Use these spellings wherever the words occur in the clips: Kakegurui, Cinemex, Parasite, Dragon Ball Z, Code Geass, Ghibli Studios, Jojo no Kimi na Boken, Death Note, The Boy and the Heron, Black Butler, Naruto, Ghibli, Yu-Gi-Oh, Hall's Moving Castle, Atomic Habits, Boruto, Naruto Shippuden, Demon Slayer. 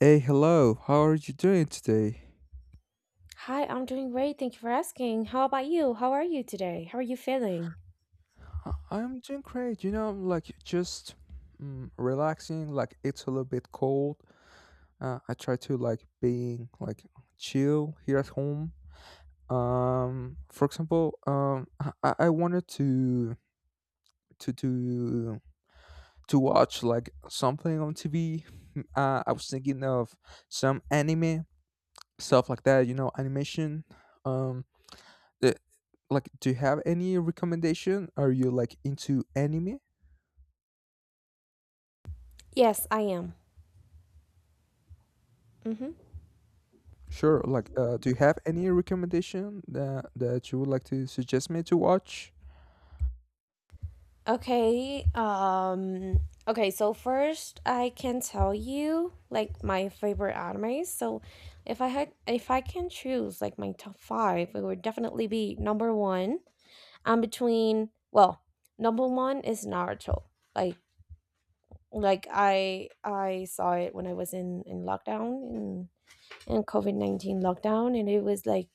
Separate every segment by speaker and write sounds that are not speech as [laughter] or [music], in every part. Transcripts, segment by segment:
Speaker 1: Hey, hello. How are you doing today?
Speaker 2: Hi, I'm doing great. Thank you for asking. How about you? How are you today? How are you feeling?
Speaker 1: I'm doing great. You know, like just relaxing. Like it's a little bit cold. I try to like being like chill here at home. For example, I wanted to to to to watch like something on TV. I was thinking of some anime stuff like that. You know, animation. Um, uh, like do you have any recommendation, are you like into anime?
Speaker 2: Yes, I am. Mm-hmm.
Speaker 1: Sure, like do you have any recommendation that you would like to suggest me to watch?
Speaker 2: Okay. Okay. So first, I can tell you like my favorite animes. So, if I can choose like my top five, it would definitely be number one. I'm between. Well, Number one is Naruto. Like, like I saw it when I was in lockdown in COVID 19 lockdown, and it was like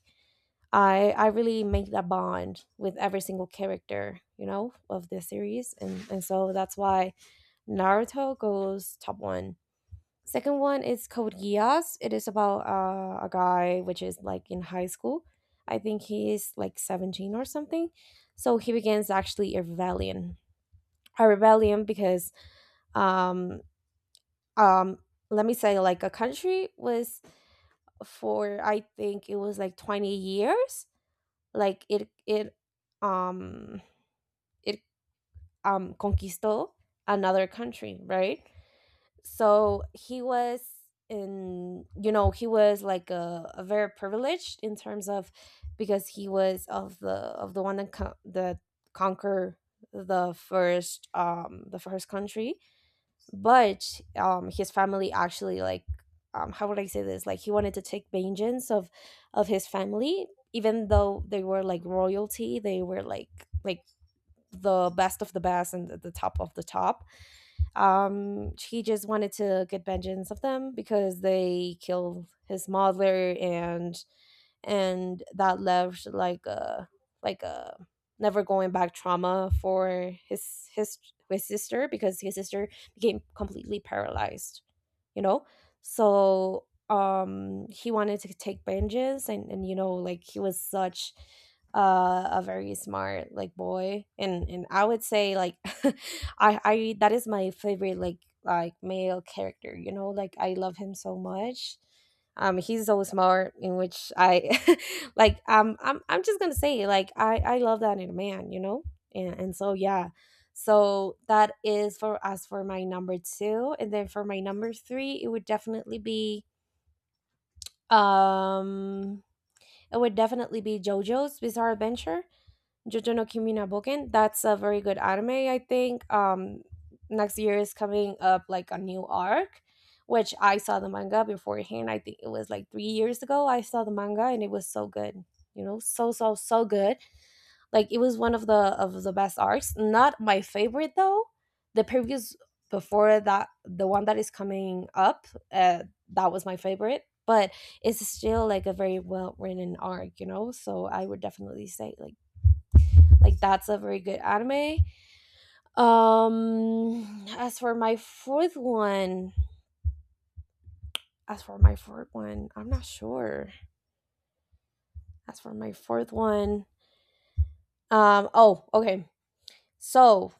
Speaker 2: I really make that bond with every single character, you know, of the series, and so that's why Naruto goes top one. Second one is Code Geass. It is about a guy which is like in high school. I think he is like 17 or something. So he begins actually a rebellion. A rebellion because um um let me say like a country was for I think it was like 20 years. Like it um it Conquistó another country, right? So he was in, you know, he was like a very privileged in terms of, because he was of the one that conquer the first country. But his family actually, like, how would I say this, like he wanted to take vengeance of his family. Even though they were like royalty, they were like, the best of the best and the top of the top. He just wanted to get vengeance of them because they killed his mother, and that left like a never going back trauma for his his sister, because his sister became completely paralyzed, you know. So he wanted to take vengeance, and you know, like he was such a very smart like boy, and I would say like [laughs] I that is my favorite like male character, you know, like I love him so much. Um, he's so smart, in which I [laughs] like, I'm just gonna say like I love that in a man, you know. And so yeah, so that is for us for my number two. And then for my number three, it would definitely be, um it would definitely be Jojo's Bizarre Adventure, Jojo no Kimi na Boken. That's a very good anime, I think. Next year is coming up like a new arc, which I saw the manga beforehand. I think it was like 3 years ago. I saw the manga and it was so good. You know, so so so good. Like it was one of the best arcs. Not my favorite though. The previous, before that, the one that is coming up, that was my favorite. But it's still like a very well written arc, you know. So I would definitely say like that's a very good anime. As for my fourth one, I'm not sure. As for my fourth one, oh, okay. So,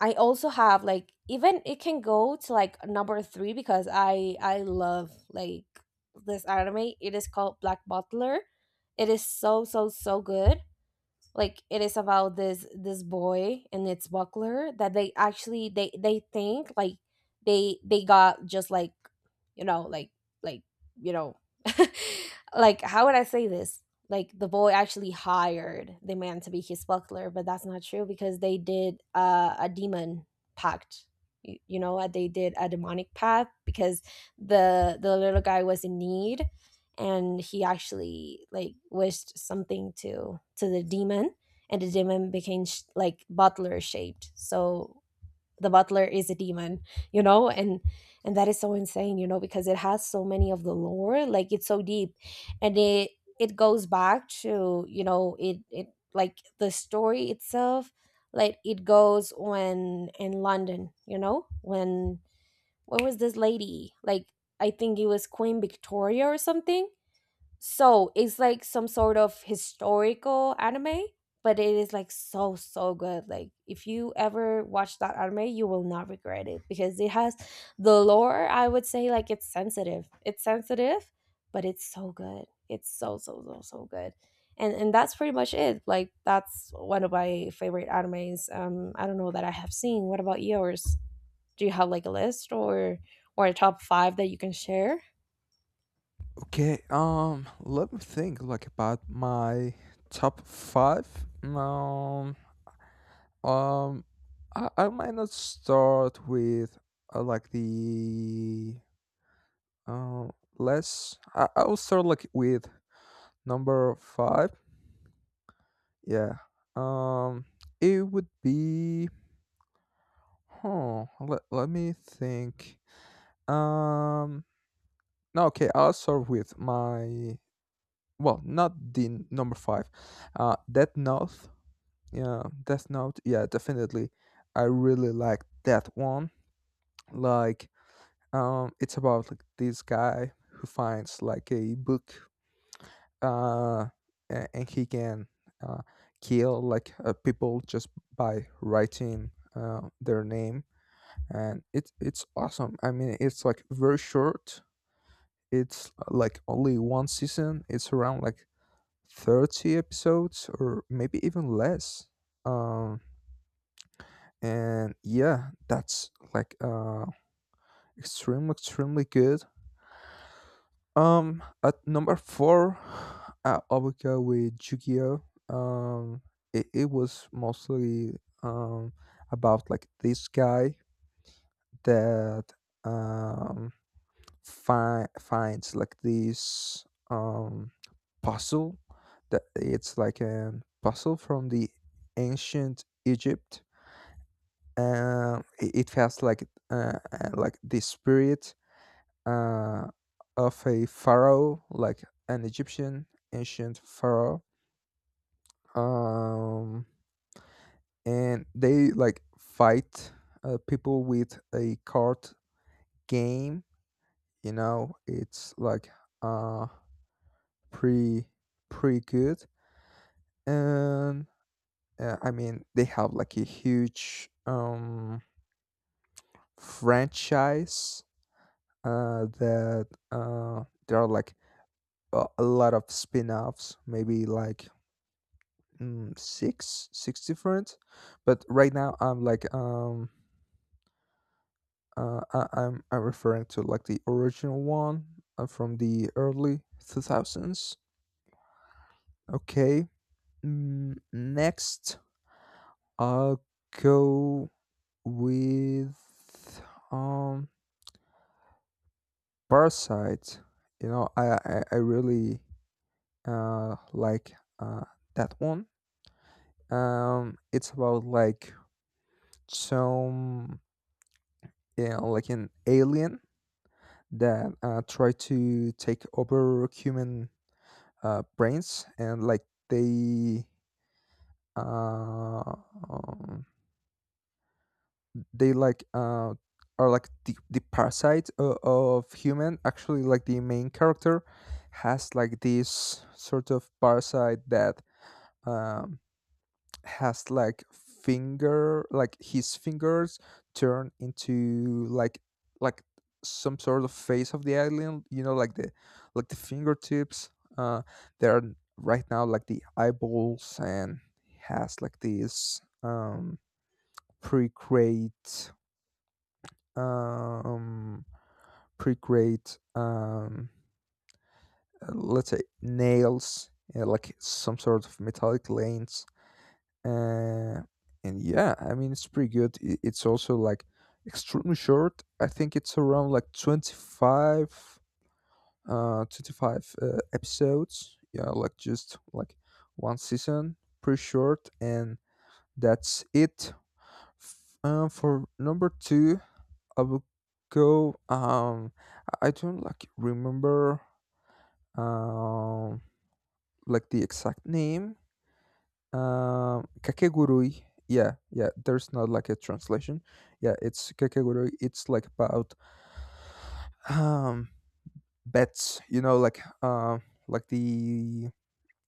Speaker 2: I also have like, even it can go to like number 3, because I love like this anime. It is called Black Butler. It is so so so good. Like it is about this boy and its buckler, that they actually, they think like, they got just like, you know, like you know [laughs] like how would I say this. Like the boy actually hired the man to be his buckler, but that's not true, because they did a demon pact. You know what, they did a demonic pact because the little guy was in need, and he actually like wished something to the demon, and the demon became like butler shaped. So the butler is a demon, you know. And that is so insane, you know, because it has so many of the lore, like it's so deep. And it goes back to, you know, it like the story itself. Like it goes when in London, you know, when what was this lady, like I think it was Queen Victoria or something. So it's like some sort of historical anime, but it is like so so good. Like if you ever watch that anime, you will not regret it, because it has the lore. I would say like it's sensitive. It's sensitive, but it's so good. It's so so so so good. And that's pretty much it. Like that's one of my favorite animes. I don't know that I have seen. What about yours? Do you have like a list or a top 5 that you can share?
Speaker 1: Okay, let me think like about my top five. um um I might not start with like um I'll start like with number five. yeah um it would be huh, let me think. Um, no, okay, I'll start with my, well, not the number five. Death Note. Yeah, Death Note. Yeah, definitely. I really like that one. Like, it's about like this guy who finds like a book. Uh, and he can uh kill like people just by writing their name, and it's awesome. I mean, it's like very short. It's like only one season. It's around like 30 episodes or maybe even less. Um, and yeah, that's like extremely extremely good. At number four, I would go with Yu-Gi-Oh. Um, it was mostly um about like this guy that um finds like this um puzzle that it's like a puzzle from the ancient Egypt. It has like the spirit uh, of a pharaoh, like an Egyptian ancient pharaoh. Um, and they like fight people with a card game. You know, it's like uh pretty pretty good. And I mean they have like a huge franchise that there are like a lot of spin-offs, maybe like six different. But right now I'm referring to like the original one, from the early 2000s. Okay. Next I'll go with um Parasite. You know, I really like uh that one. It's about like some, you know, like an alien that try to take over human brains. And like they uh um, they like are like the parasite of human. Actually like the main character has like this sort of parasite that um has like finger like his fingers turn into like some sort of face of the alien, you know, like the fingertips uh they are right now like the eyeballs. And has like this pre um pretty great, let's say, nails, like some sort of metallic lanes. uh, and yeah, I mean, it's pretty good. It's also like extremely short. I think it's around like 25 episodes. Yeah, like just like one season, pretty short. And that's it. For number two, I will go. I don't like remember um like the exact name. Kakegurui. Yeah, yeah. There's not like a translation. Yeah, it's kakegurui. It's like about um bats. You know, like like the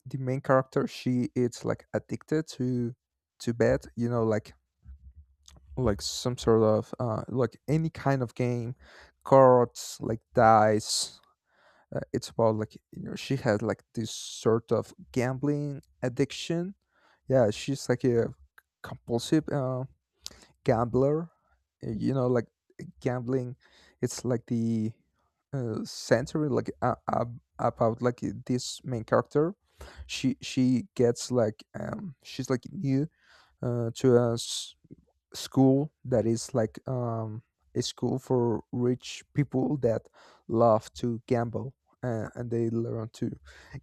Speaker 1: the main character. She is like addicted to bet. You know, like some sort of like any kind of game, cards, like dice. It's about, like, you know, she has like this sort of gambling addiction. Yeah, she's like a compulsive gambler. You know, like gambling, it's like the century, like, about like this main character. She gets like she's like new to us, school that is like a school for rich people that love to gamble, and they learn to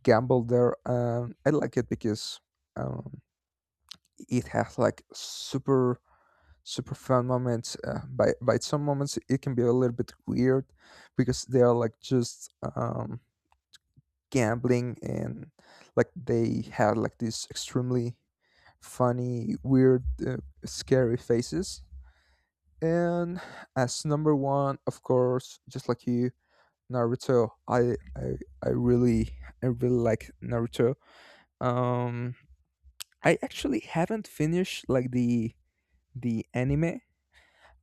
Speaker 1: gamble there. I like it because um, it has like super super fun moments. By some moments it can be a little bit weird because they are like just gambling and like they have like these extremely funny, weird, scary faces. And as number one, of course, just like you, Naruto. I really, I really like Naruto. Um, I actually haven't finished like the anime.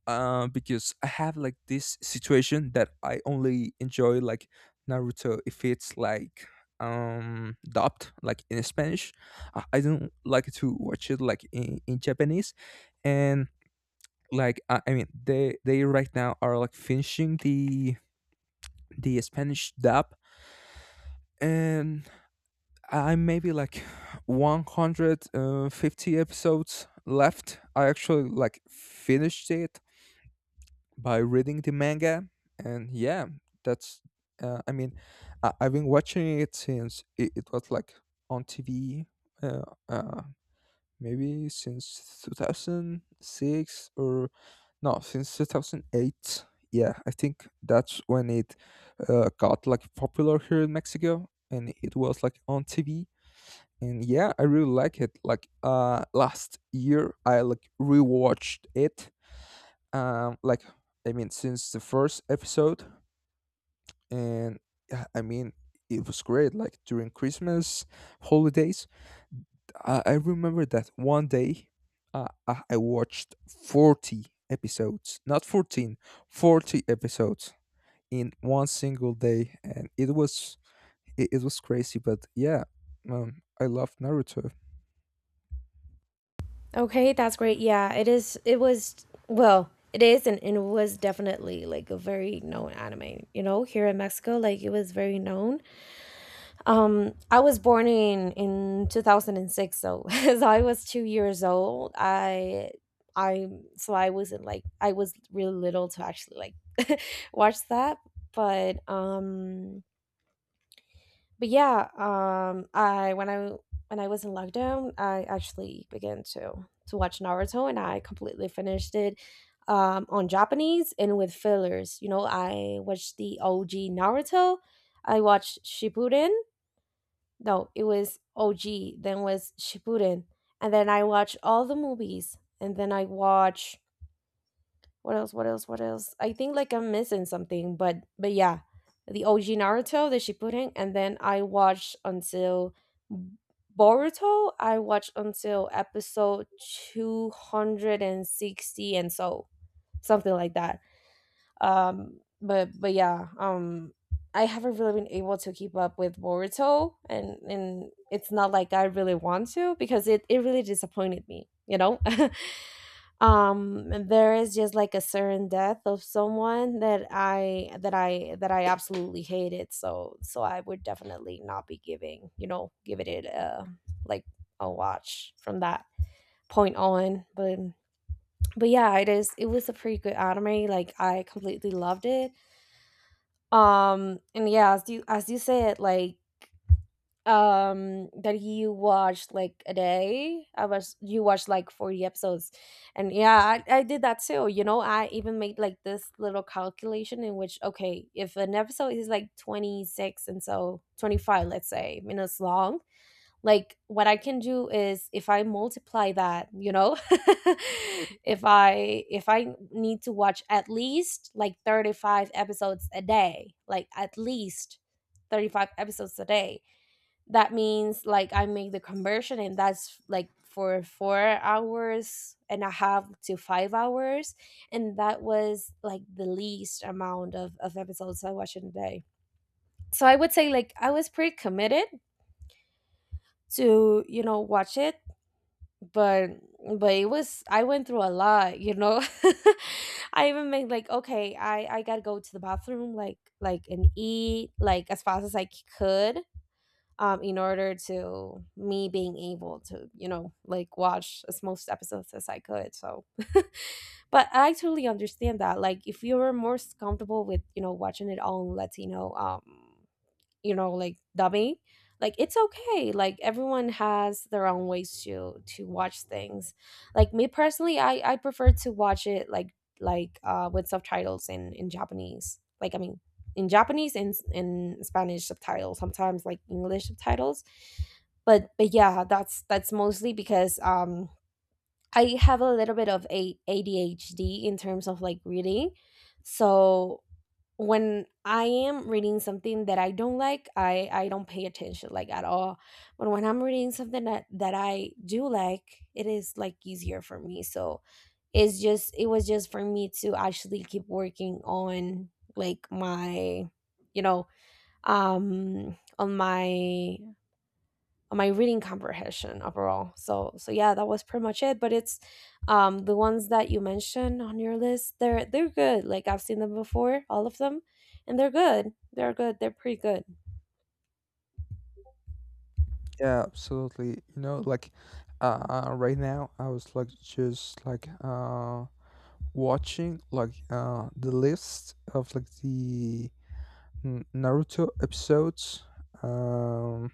Speaker 1: Because I have like this situation that I only enjoy like Naruto if it's like dubbed like in Spanish. I don't like to watch it like in Japanese. And like, I mean they right now are like finishing the Spanish dub. And I maybe like 150 episodes left. I actually like finished it by reading the manga. And yeah, that's I mean, I've been watching it since it was like on TV, uh, uh maybe since 2006, or no, since 2008. Yeah, I think that's when it got like popular here in Mexico and it was like on TV. And yeah, I really like it. Like last year I like rewatched it, um like since the first episode. And yeah, I mean, it was great like during Christmas holidays. I remember that one day, I watched 40 episodes, not 14, 40 episodes in one single day. And it was, It was crazy, but yeah, I love Naruto.
Speaker 2: Okay, that's great. Yeah, it is. It was, well, it is, and it was definitely like a very known anime. You know, here in Mexico, like it was very known. I was born in 2006, so [laughs] so I was 2 years old. I so I wasn't like, I was really little to actually like [laughs] watch that, but um but yeah. Um, I when I when I was in lockdown, I actually began to watch Naruto, and I completely finished it, on Japanese and with fillers. You know, I watched the OG Naruto, I watched Shippuden. No, it was OG, then was Shippuden, and then I watched all the movies, and then I watch. What else? What else? What else? I think like I'm missing something, but yeah, the OG Naruto that she put in, and then I watched until Boruto. I watched until episode 260, and so something like that. But yeah, I haven't really been able to keep up with Boruto, and it's not like I really want to, because it really disappointed me, you know. [laughs] Um, there is just like a certain death of someone that I absolutely hated. So so I would definitely not be giving, you know, giving it like a watch from that point on. But yeah, it is, it was a pretty good anime, like I completely loved it. And yeah, as you said, like that you watched like a day, I was, you watched like 40 episodes. And yeah, I did that too, you know. I even made like this little calculation, in which okay, if an episode is like 26 and so 25 let's say minutes long, like what I can do is, if I multiply that, you know [laughs] if I need to watch at least like 35 episodes a day, like at least 35 episodes a day, that means like I make the conversion, and that's like for 4 hours and a half to 5 hours. And that was like the least amount of episodes I watch in a day. So I would say like I was pretty committed to, you know, watch it. but but it was, I went through a lot, you know. [laughs] I even made like, okay, I gotta go to the bathroom like, and eat like as fast as I could. Um, in order to me being able to, you know, like watch as most episodes as I could. So, but I totally understand that. Like, if you were more comfortable with, you know, watching it all in Latino, you know, like dubbing, like it's okay, like everyone has their own ways to watch things. Like me personally, I prefer to watch it like with subtitles in Japanese, like I mean in Japanese and in Spanish subtitles, sometimes like English subtitles. But yeah, that's mostly because I have a little bit of a ADHD in terms of like reading. So when I am reading something that I don't like, I don't pay attention like at all. But when I'm reading something that that I do like, it is like easier for me. So it's just, it was just for me to actually keep working on, like my, you know, on my my reading comprehension overall. So so yeah, that was pretty much it. But it's, the ones that you mentioned on your list, they're good. Like I've seen them before, all of them, and they're good. They're good. They're pretty good.
Speaker 1: Yeah, absolutely. You know, like right now I was like just watching like the list of like the Naruto episodes. Um,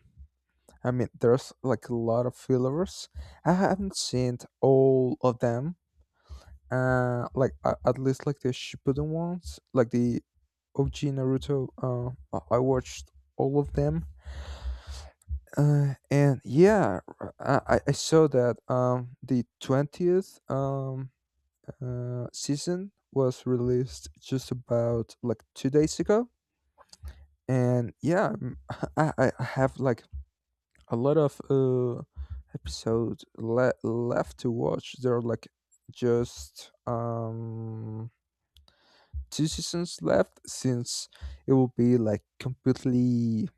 Speaker 1: I mean, there's like a lot of fillers. I haven't seen all of them. At least like the Shippuden ones, like the OG Naruto. I watched all of them. And yeah, I saw that the 20th season was released just about like 2 days ago. And yeah, [laughs] I have like a lot of episodes left to watch. There are like just two seasons left since it will be like completely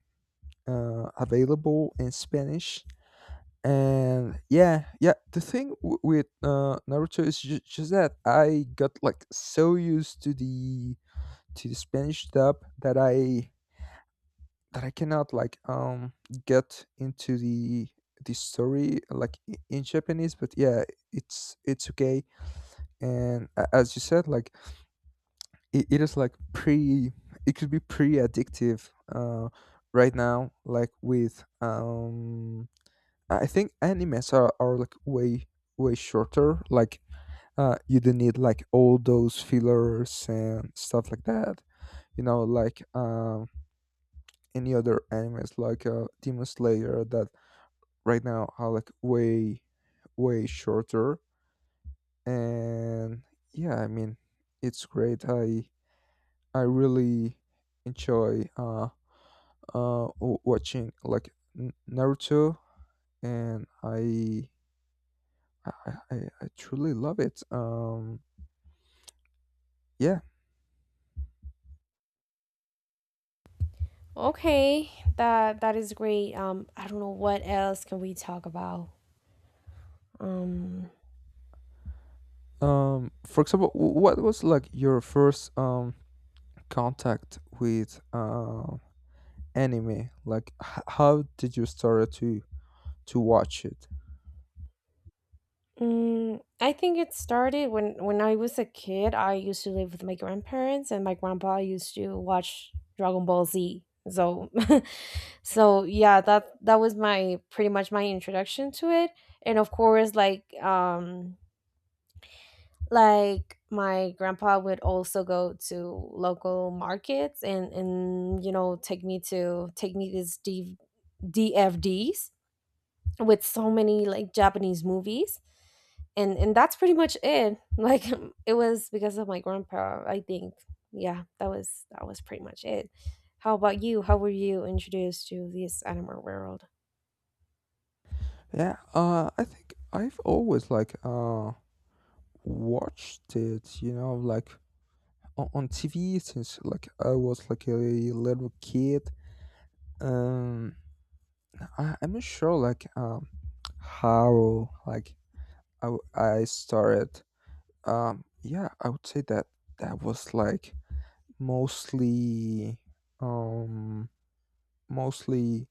Speaker 1: available in Spanish. And yeah, yeah. The thing with Naruto is just that I got like so used to the Spanish dub, that I, that I cannot like get into the story like in Japanese. But yeah, it's okay. And as you said, like it is like pretty. It could be pretty addictive. Right now, like with I think animes are like way way shorter. Like you don't need like all those fillers and stuff like that. You know, like any other animes like Demon Slayer that right now are like way way shorter. And yeah, I mean, it's great. I really enjoy watching like Naruto, and i i, I truly love it. Yeah.
Speaker 2: Okay, that that is great. I don't know what else can we talk about. Um,
Speaker 1: For example, what was like your first contact with anime? Like how did you start to watch it?
Speaker 2: mm, I think it started when I was a kid. I used to live with my grandparents, and my grandpa used to watch Dragon Ball Z. So [laughs] so yeah, that that was my pretty much my introduction to it. And of course like, like my grandpa would also go to local markets and, you know, take me these DFDs with so many like Japanese movies. And that's pretty much it. [laughs] Like it was because of my grandpa I think. Yeah, that was pretty much it. How about you? How were you introduced to this animal world?
Speaker 1: Yeah, I think I've always like watched it, you know, like on TV since like I was like a little kid. Um, I'm not sure like how like I started. Yeah, I would say that that was like mostly, um mostly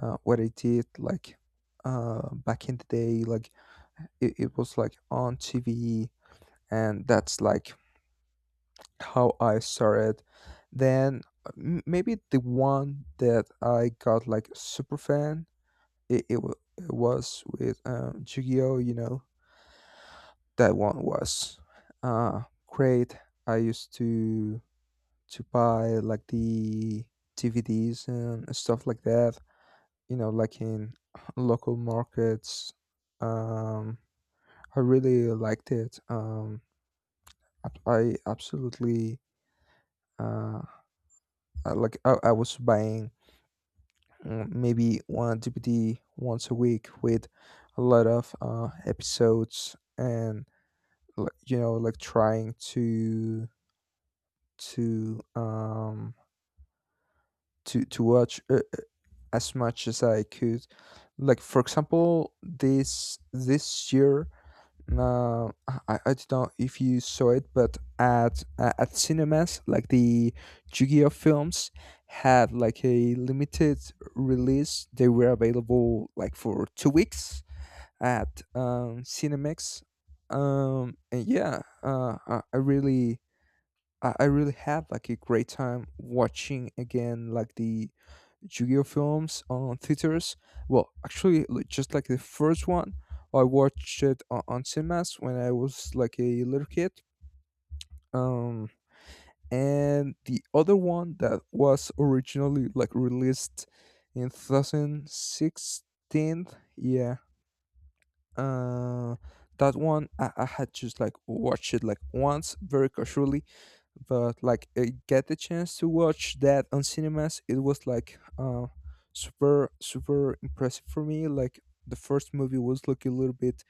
Speaker 1: what I did like back in the day. Like it was like on TV, and that's like how I saw it. Then maybe the one that I got like super fan, it was with Yu-Gi-Oh. You know, that one was great. I used to buy like the DVDs and stuff like that. You know, like in [clears throat] local markets. Um, I really liked it. I absolutely. Uh, like, I was buying, maybe one DVD once a week with a lot of episodes, and like, you know, like trying to to um to watch as much as I could. Like for example, this year, uh, I don't know if you saw it, but at cinemas, like the Yu-Gi-Oh films had like a limited release. They were available like for 2 weeks at Cinemex. And yeah, I really, I really had like a great time watching again like the Yu-Gi-Oh films on theaters. Well, actually, just like the first one, I watched it on cinemas when I was like a little kid. Um, and the other one that was originally like released in 2016, yeah, uh, that one I had just like watched it like once very casually, but like I get the chance to watch that on cinemas. It was like super super impressive for me. Like the first movie was like a little bit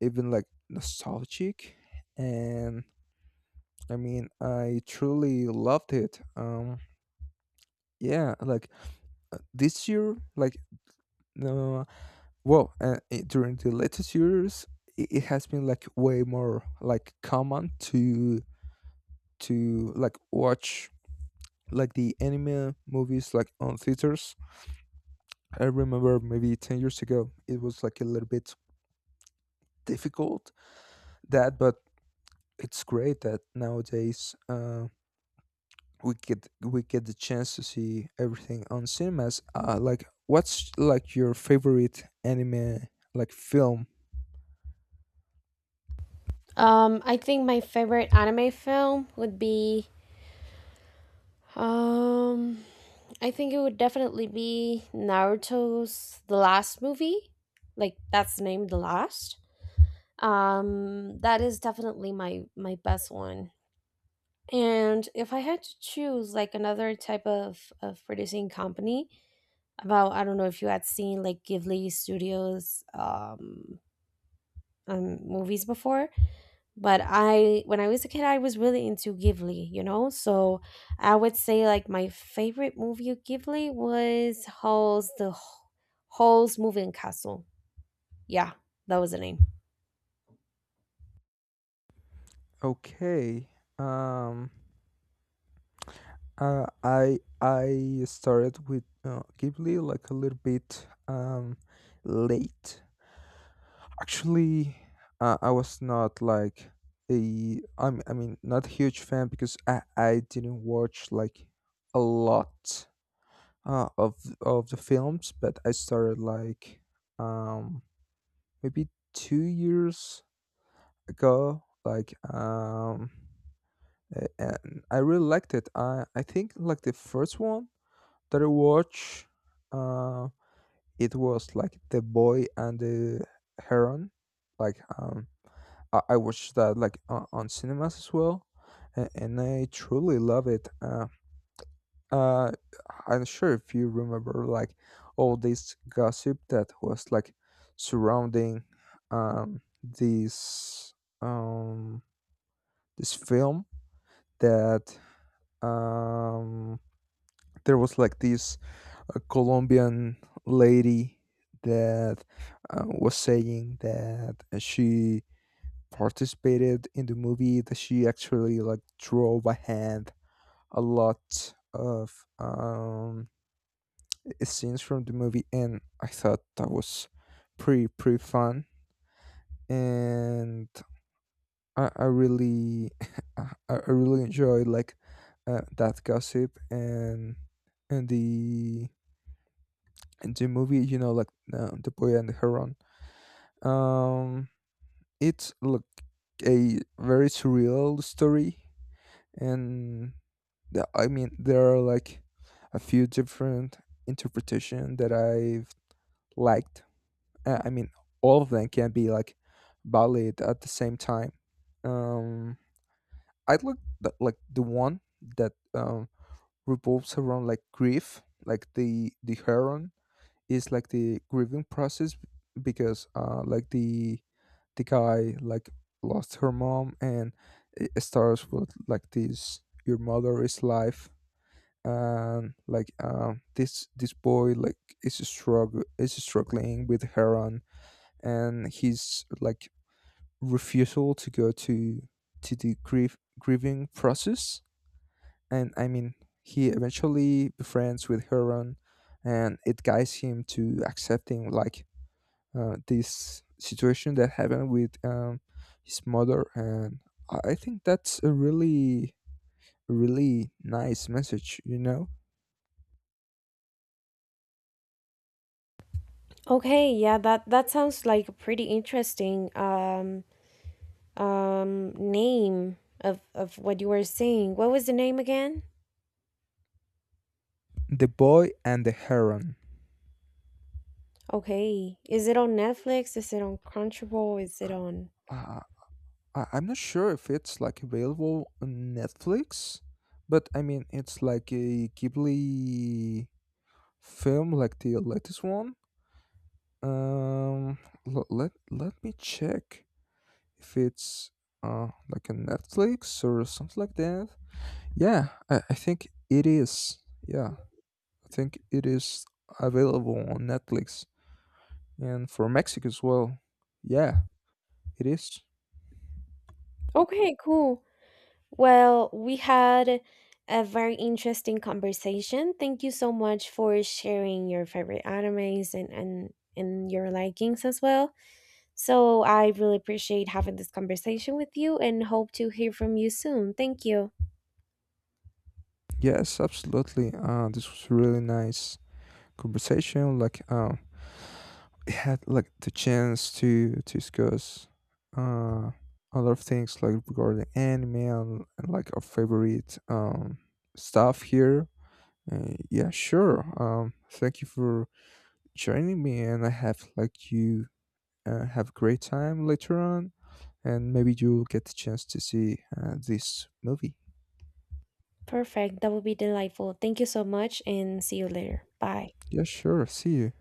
Speaker 1: even like nostalgic, and I mean, I truly loved it. Yeah, like this year like. No. Well, during the latest years, it has been like way more like common to like watch like the anime movies like on theaters. I remember maybe 10 years ago, it was like a little bit difficult that, but it's great that nowadays we get the chance to see everything on cinemas. Like, what's like your favorite anime like film?
Speaker 2: I think my favorite anime film would be, um I think it would definitely be Naruto's The Last Movie. Like that's the name, The Last. Um, that is definitely my my best one. And if I had to choose like another type of producing company, about, I don't know if you had seen like Ghibli Studios movies before. But I, when I was a kid, I was really into Ghibli, you know. So I would say like my favorite movie of Ghibli was Hall's, Hall's Moving Castle. Yeah, that was the name.
Speaker 1: Okay. Um I started with Ghibli like a little bit late. Actually, I was not like a I'm I mean not a huge fan because I didn't watch like a lot uh, of of the films, but I started like um, maybe 2 years ago. Like and I really liked it. I think like the first one that I watched, uh, it was like The Boy and the Heron. Like I watched that like on cinemas as well, and I truly love it. Uh, I'm sure if you remember like all this gossip that was like surrounding this um this film that um there was like this a Colombian lady that was saying that she participated in the movie, that she actually like drove a hand a lot of scenes from the movie. And I thought that was pretty fun. And I really [laughs] I really enjoyed like that gossip and and the and the movie, you know, like The Boy and the Heron. Um, it's look a very surreal story, and I mean there are like a few different interpretation that I've liked. I mean, all of them can be like valid at the same time. Um, I like like the one that revolves around like grief, like the heron is like the grieving process. Because like the guy like lost her mom, and it starts with like this, your mother is life. And like this boy like is struggling with heron and his like refusal to go to the grief grieving process. And I mean he eventually befriends with heron, and it guides him to accepting like this situation that happened with his mother. And I think that's a really really nice message, you know.
Speaker 2: Okay, yeah, that that sounds like a pretty interesting name. Of what you were saying, what was the name again?
Speaker 1: The Boy and the Heron.
Speaker 2: Okay, is it on Netflix, is it on Crunchyroll, is it on?
Speaker 1: uh, I'm not sure if it's like available on Netflix, but I mean it's like a Ghibli film, like the latest one. um l- let Let me check if it's like a Netflix or something like that. Yeah, I think it is. Yeah, I think it is available on Netflix and for Mexico as well. Yeah, it is.
Speaker 2: Okay, cool. Well, we had a very interesting conversation. Thank you so much for sharing your favorite animes, and your likings as well. So I really appreciate having this conversation with you, and hope to hear from you soon. Thank you.
Speaker 1: Yes, absolutely. This was a really nice conversation. Like, it had like the chance to discuss uh a lot of things like regarding anime and like our favorite stuff here. Yeah, sure. Thank you for joining me, and I have like you have a great time later on, and maybe you'll get the chance to see this movie.
Speaker 2: Perfect. That would be delightful. Thank you so much and see you later. Bye.
Speaker 1: Yeah, sure. See you.